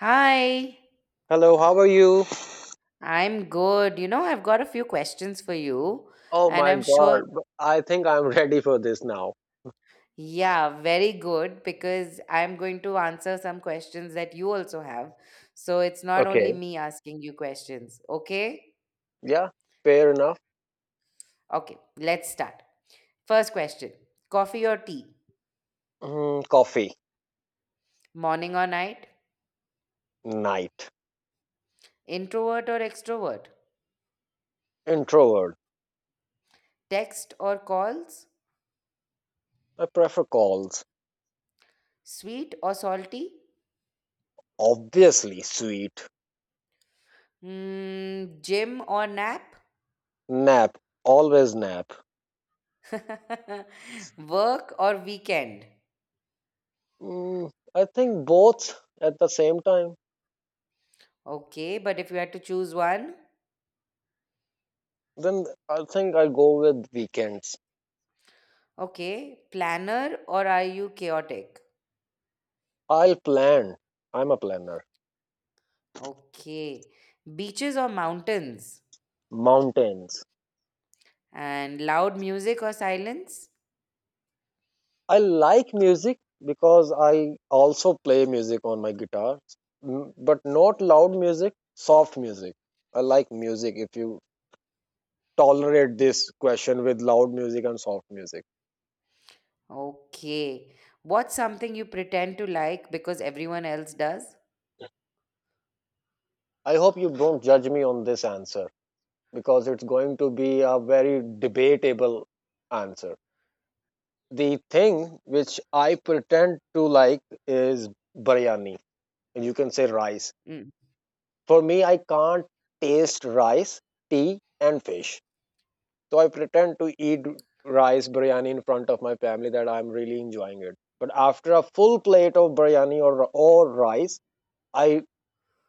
Hi, Hello, how are you? I'm good. You know, I've got a few questions for you, Oh and my I'm sure, god, I think I'm ready for this now. yeah, very good because I'm going to answer some questions that you also have. So it's not only Okay, me asking you questions, okay? yeah, fair enough. Okay, let's start. First question, coffee or tea? Coffee, Morning or night? night, Introvert or extrovert? introvert. Text or calls? I prefer calls. Sweet or salty? Obviously, sweet. Mm, gym or nap? Nap, always nap. Work or weekend? I think both at the same time. Okay, but if you had to choose one, Then I think I go with weekends. okay, planner or are you chaotic? I'll plan. I'm a planner. Okay, beaches or mountains? Mountains, And loud music or silence? I like music because I also play music on my guitar, but not loud music, soft music. I like music if you tolerate this question with loud music and soft music. Okay, what's something you pretend to like because everyone else does? I hope you don't judge me on this answer because it's going to be a very debatable answer. The thing which I pretend to like is biryani, and you can say rice. Mm. For me, I can't taste rice, tea, and fish. So I pretend to eat rice biryani in front of my family that I'm really enjoying it. But after a full plate of biryani or rice, I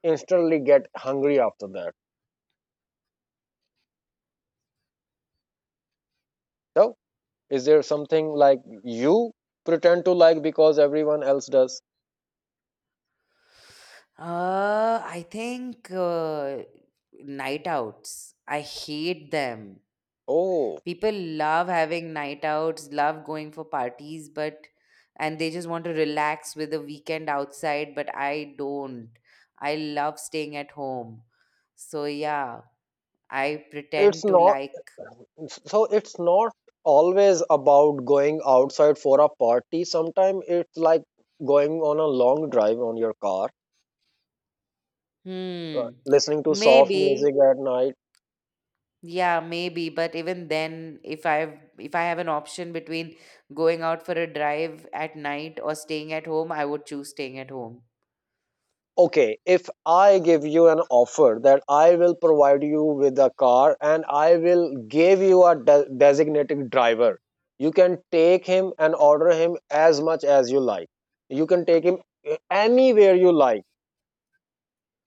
instantly get hungry after that. So is there something like you pretend to like because everyone else does? I think night outs. I hate them. Oh, People love having night outs, love going for parties, but and they just want to relax with a weekend outside, but I don't. I love staying at home. So yeah, I it's pretend to not. like It's not always about going outside for a party. Sometimes it's like going on a long drive on your car, uh, hmm, listening to soft maybe, music at night. yeah, maybe, but even then, if I've if I have an option between going out for a drive at night or staying at home, I would choose staying at home. Okay, if I give you an offer that I will provide you with a car and I will give you a designated driver, you can take him and order him as much as you like. You can take him anywhere you like.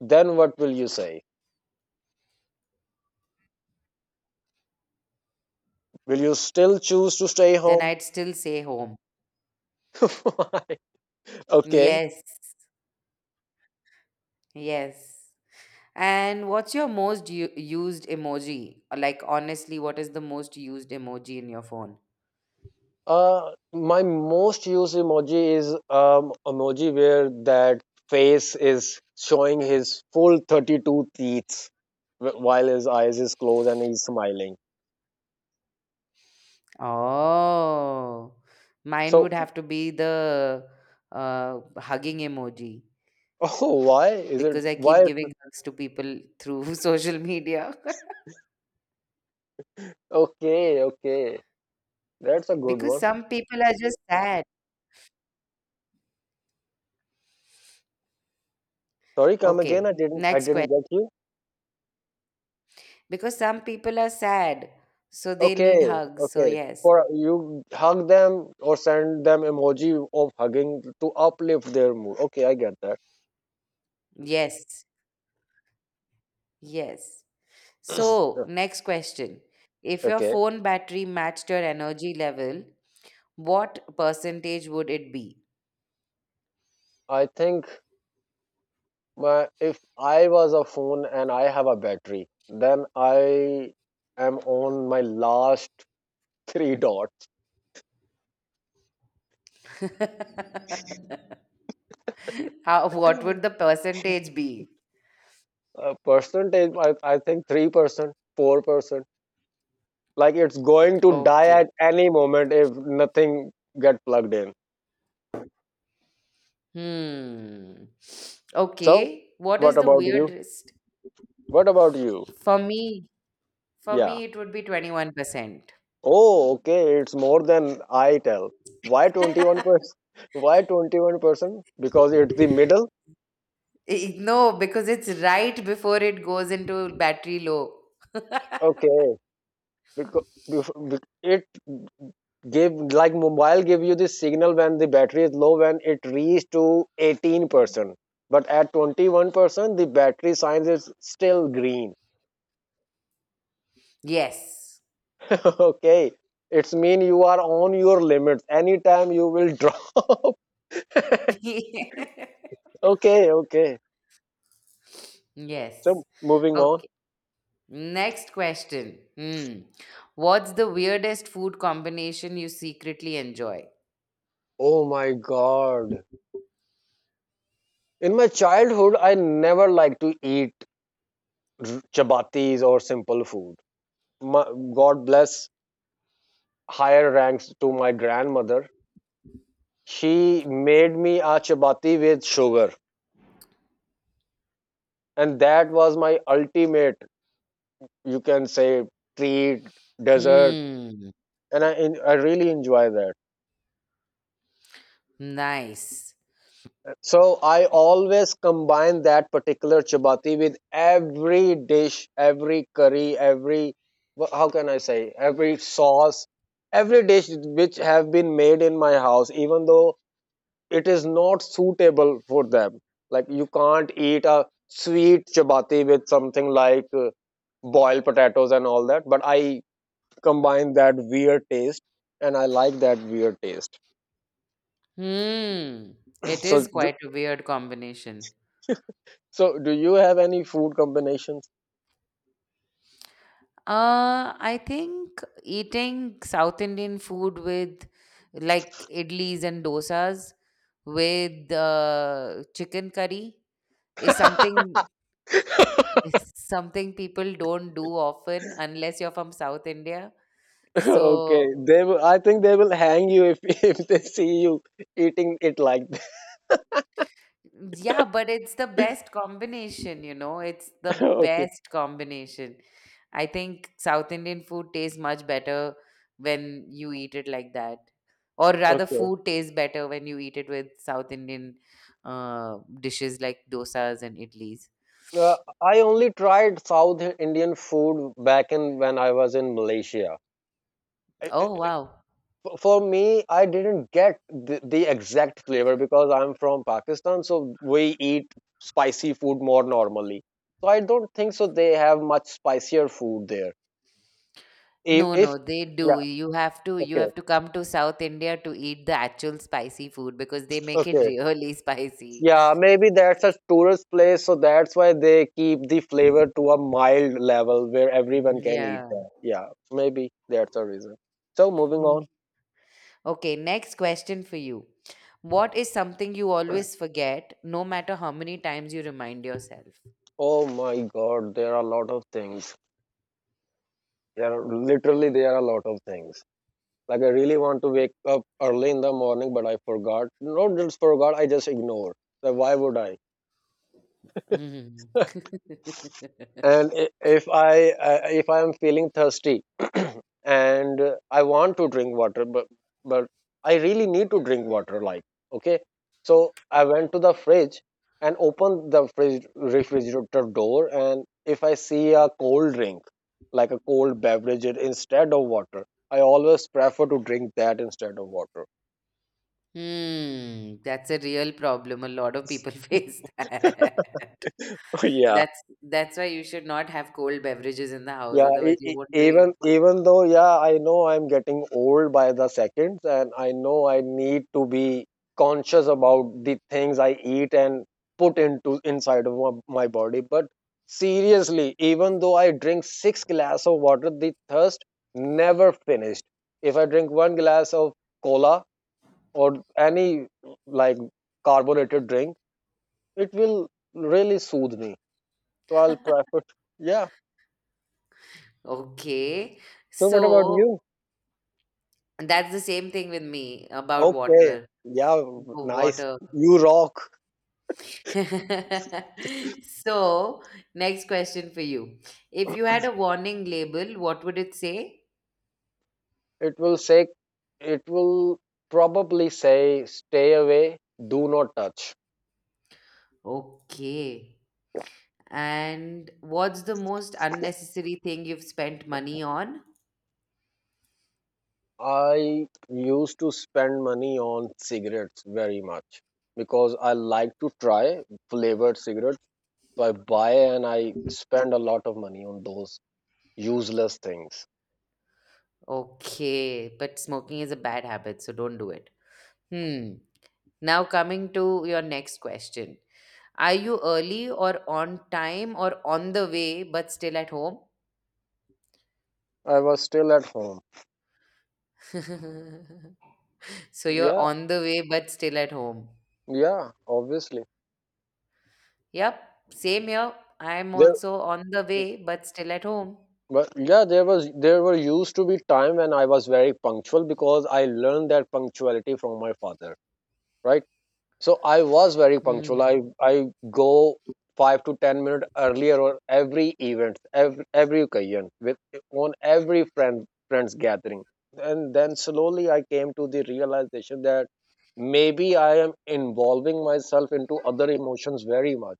Then what will you say? Will you still choose to stay Then home? I'd still say home. Okay. Yes. Yes. And what's your most used emoji? Like, honestly, what is the most used emoji in your phone? My most used emoji is emoji where that face is showing his full 32 teeth while his eyes is closed and he's smiling. Oh, mine would So, have to be the hugging emoji oh, why is it? because I keep Why? giving hugs to people through social media. Okay, okay, that's a good Because one. some people are just sad. Sorry, come again. Okay, I next question. didn't get you. Because some people are sad, so they need Okay, hugs. So, okay. yes, For you hug them or send them emoji of hugging to uplift their mood. Okay, I get that. yes, yes. So, next question. If your Okay. phone battery matched your energy level, what percentage would it be? I think My if I was a phone and I have a battery, then I am on my last three dots. How, what would the percentage be? Percentage, I think 3%, 4%. Like it's going to die Okay. at any moment if nothing get plugged in. Hmm. So, Okay. What is what the about you? weirdest? What about you? For me, for Yeah. me, it would be 21%. Oh, okay. It's more than I tell. Why 21%? Why 21%? Because it's the middle? Eh, no, because it's right before it goes into battery low. Okay. Because it give like mobile give you this signal when the battery is low when it reaches to 18%, but at 21% the battery sign is still green. Yes. Okay, it's mean you are on your limits, anytime you will drop. Okay, okay, so Yes. moving on Okay. Next question. Hmm. What's the weirdest food combination you secretly enjoy? oh my god in my childhood I never liked to eat r- chapatis or simple food my, god bless higher ranks to my grandmother She made me a chapati with sugar, and that was my ultimate, you can say, treat, dessert, Hmm. and I en- I really enjoy that. Nice. So I always combine that particular chapati with every dish, every curry, every wha- how can I say, every sauce, every dish which have been made in my house. Even though it is not suitable for them like you can't eat a sweet chapati with something like boiled potatoes and all that but I combine that weird taste and I like that weird taste Hmm. It so is d- quite a weird combination. so do you have any food combinations I think eating South Indian food with like idlis and dosas with chicken curry is something. It's something people don't do often unless you're from South India. okay So, they will, I think they will hang you if if they see you eating it like that yeah, but it's the best combination, you know, it's the okay best combination. I think South Indian food tastes much better when you eat it like that. Or rather, okay food tastes better when you eat it with South Indian dishes like dosas and idlis. uh, I only tried south indian food back in when I was in malaysia Oh, wow. for me I didn't get the exact flavor because I'm from pakistan so we eat spicy food more normally so I don't think so they have much spicier food there No, if no, they yeah do. You have to you okay have to come to South India to eat the actual spicy food because they make it okay really spicy. yeah maybe that's a tourist place so that's why they keep the flavor to a mild level where everyone can eat Yeah. that yeah maybe that's a reason so moving on. Mm. Okay, next question for you. What is something you always forget, no matter how many times you remind yourself? Oh my god, there are a lot of things, there are literally there are a lot of things. Like I really want to wake up early in the morning, but I forgot. Not just forgot, I just ignore. Like why would I? Mm. And I- if I if I am feeling thirsty, and I want to drink water, but I really need to drink water. Like okay, so I went to the fridge and opened the fridge refrigerator door, and if I see a cold drink, like a cold beverage instead of water, I always prefer to drink that instead of water. Hmm, that's a real problem. A lot of people face that. Yeah. That's why you should not have cold beverages in the house, Yeah, otherwise e- you e- won't even drink. even though yeah, I know I'm getting old by the seconds, and I know I need to be conscious about the things I eat and put into inside of my body. But seriously, even though I drink six glass of water, the thirst never finished. If I drink one glass of cola or any like carbonated drink, it will really soothe me. So I'll prefer. Yeah. Okay. So what about So you? that's the same thing with me about Okay. water. Yeah, Wa- nice. Water. You rock. So, next question for you. If you had a warning label, what would it say? It will say, it will probably say, stay away, do not touch. Okay. And what's the most unnecessary thing you've spent money on? I used to spend money on cigarettes very much because I like to try flavored cigarettes. So I buy and I spend a lot of money on those useless things. Okay. But smoking is a bad habit, so don't do it. Hmm. Now, coming to your next question. Are you early or on time or on the way but still at home? I was still at home. So you're Yeah, on the way but still at home. yeah, obviously. Yep, same here. I'm There. also on the way but still at home. But yeah, there were used to be time when I was very punctual because I learned that punctuality from my father, right? So I was very punctual. Hmm. I go 5 to 10 minutes earlier on every event, every occasion, with on every friends gathering. And then slowly I came to the realization that maybe I am involving myself into other emotions very much.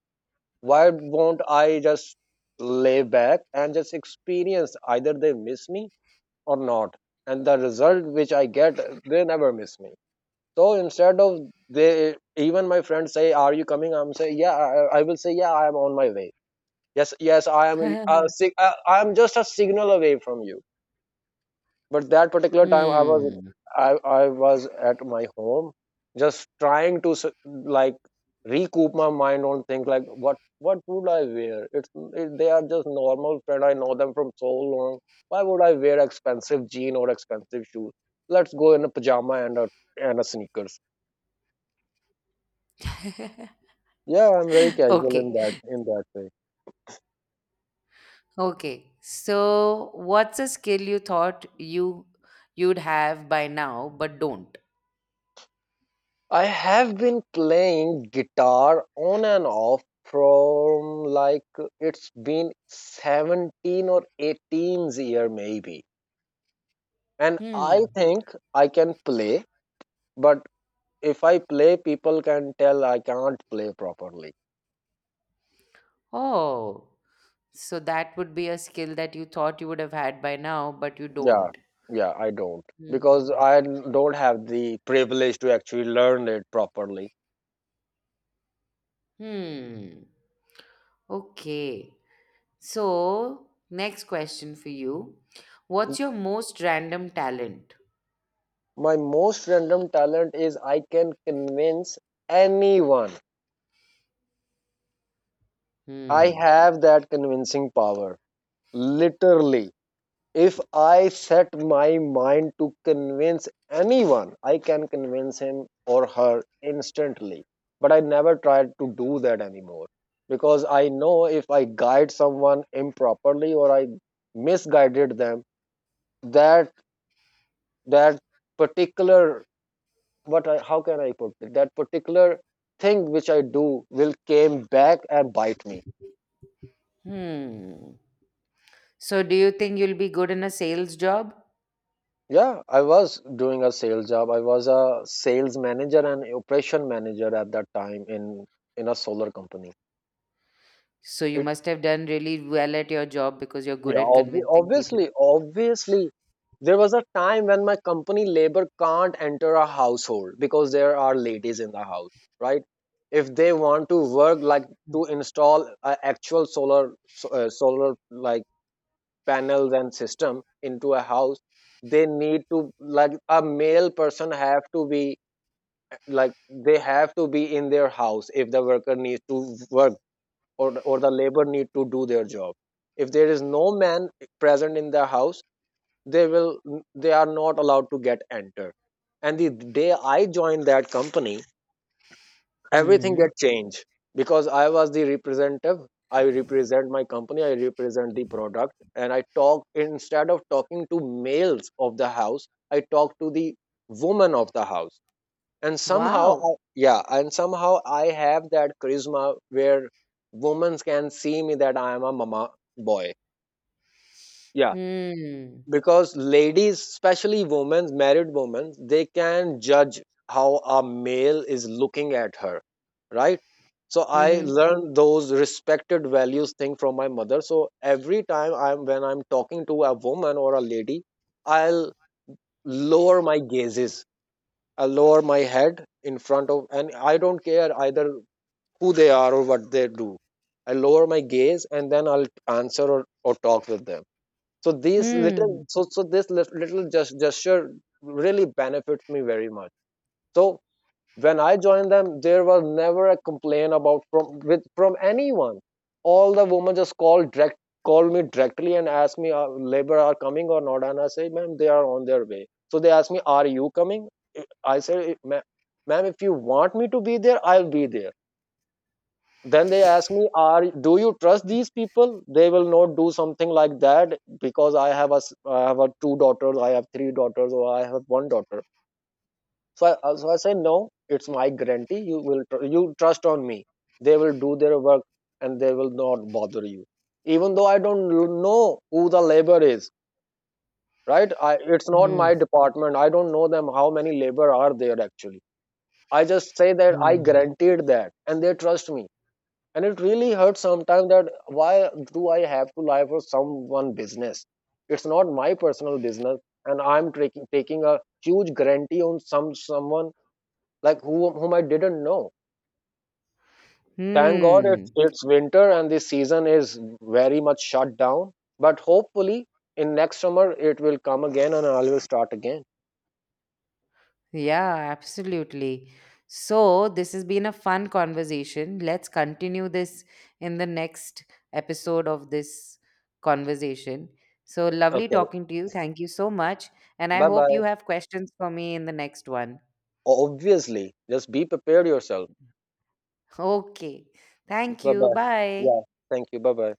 Why won't I just lay back and just experience either they miss me or not? And the result which I get, they never miss me. So instead of they, even my friends say, "Are you coming?" I'm say, "Yeah." I will say, "Yeah, I am on my way." Yes, yes, I am. A, I am just a signal away from you. But that particular time Hmm. i, I was at my home just trying to like recoup my mind on things like what would I wear. They are just normal friend, I know them from so long. Why would I wear expensive jean or expensive shoes? Let's go in a pajama and a sneakers. Yeah, I'm very casual Okay. in that way. Okay. So what's a skill you thought you'd have by now but don't? I have been playing guitar on and off from like it's been 17 or 18-year maybe. And I Hmm. think I can play, but if I play, people can tell I can't play properly. Oh. So that would be a skill that you thought you would have had by now but you Yeah, don't. yeah, I don't Hmm. because I don't have the privilege to actually learn it properly. Hmm. Okay. So, next question for you. What's your most random talent? My most random talent is I can convince anyone. I Hmm. have that convincing power. Literally, if I set my mind to convince anyone, I can convince him or her instantly. But I never tried to do that anymore because I know if I guide someone improperly or I misguided them, that that particular what I, how can I put it? That particular thing which I do will came back and bite me. Hmm. So, do you think you'll be good in a sales job? Yeah, I was doing a sales job. I was a sales manager and operation manager at that time in a solar company. So, you It must have done really well at your job because you're good yeah, at convincing people. obviously, obviously, there was a time when my company labor can't enter a household because there are ladies in the house, right? If they want to work like to install a actual solar solar like panels and system into a house, they need to like a male person have to be like they have to be in their house if the worker needs to work or the labor need to do their job. If there is no man present in the house, they will they are not allowed to get entered. And the day I joined that company, everything Hmm. get changed because I was the representative. I represent my company, I represent the product, and I talk instead of talking to males of the house. I talk to the woman of the house. And somehow Wow. Yeah, and somehow I have that charisma where women can see me that I am a mama boy. Yeah, Hmm. because ladies, especially women, married women, they can judge how a male is looking at her, right? So I Mm-hmm. learned those respected values thing from my mother. So every time I'm when I'm talking to a woman or a lady, I'll lower my gazes. I lower my head in front of, and I don't care either who they are or what they do. I lower my gaze and then I'll answer or talk with them. So these little Hmm. This little gesture really benefits me very much. So when I joined them, there was never a complaint about from anyone. All the women just called me directly and asked me, "Labor are coming or not?" And I say, "Ma'am, they are on their way." So they asked me, "Are you coming?" I said, "Ma'am, if you want me to be there, I'll be there." Then they ask me, are do you trust these people? They will not do something like that because I have a two daughters, I have three daughters, or I have one daughter. So I so I say, no, it's my guarantee, you will you trust on me. They will do their work and they will not bother you, even though I don't know who the labor is, right? It's not Hmm. my department, I don't know them, how many labor are there actually. I just say that I Hmm. guaranteed that and they trust me. And it really hurts sometimes that why do I have to lie for someone business? It's not my personal business, and I'm taking a huge guarantee on some someone like whom I didn't know. Thank god Hmm. it's winter and this season is very much shut down. But hopefully in next summer it will come again and I will start again. Yeah, absolutely. So, this has been a fun conversation. Let's continue this in the next episode of this conversation. So, lovely Okay, talking to you. Thank you so much. And I bye hope bye. you have questions for me in the next one. Obviously, just be prepared yourself. Okay. Thank Bye you. bye. Bye. Yeah, thank you, bye bye.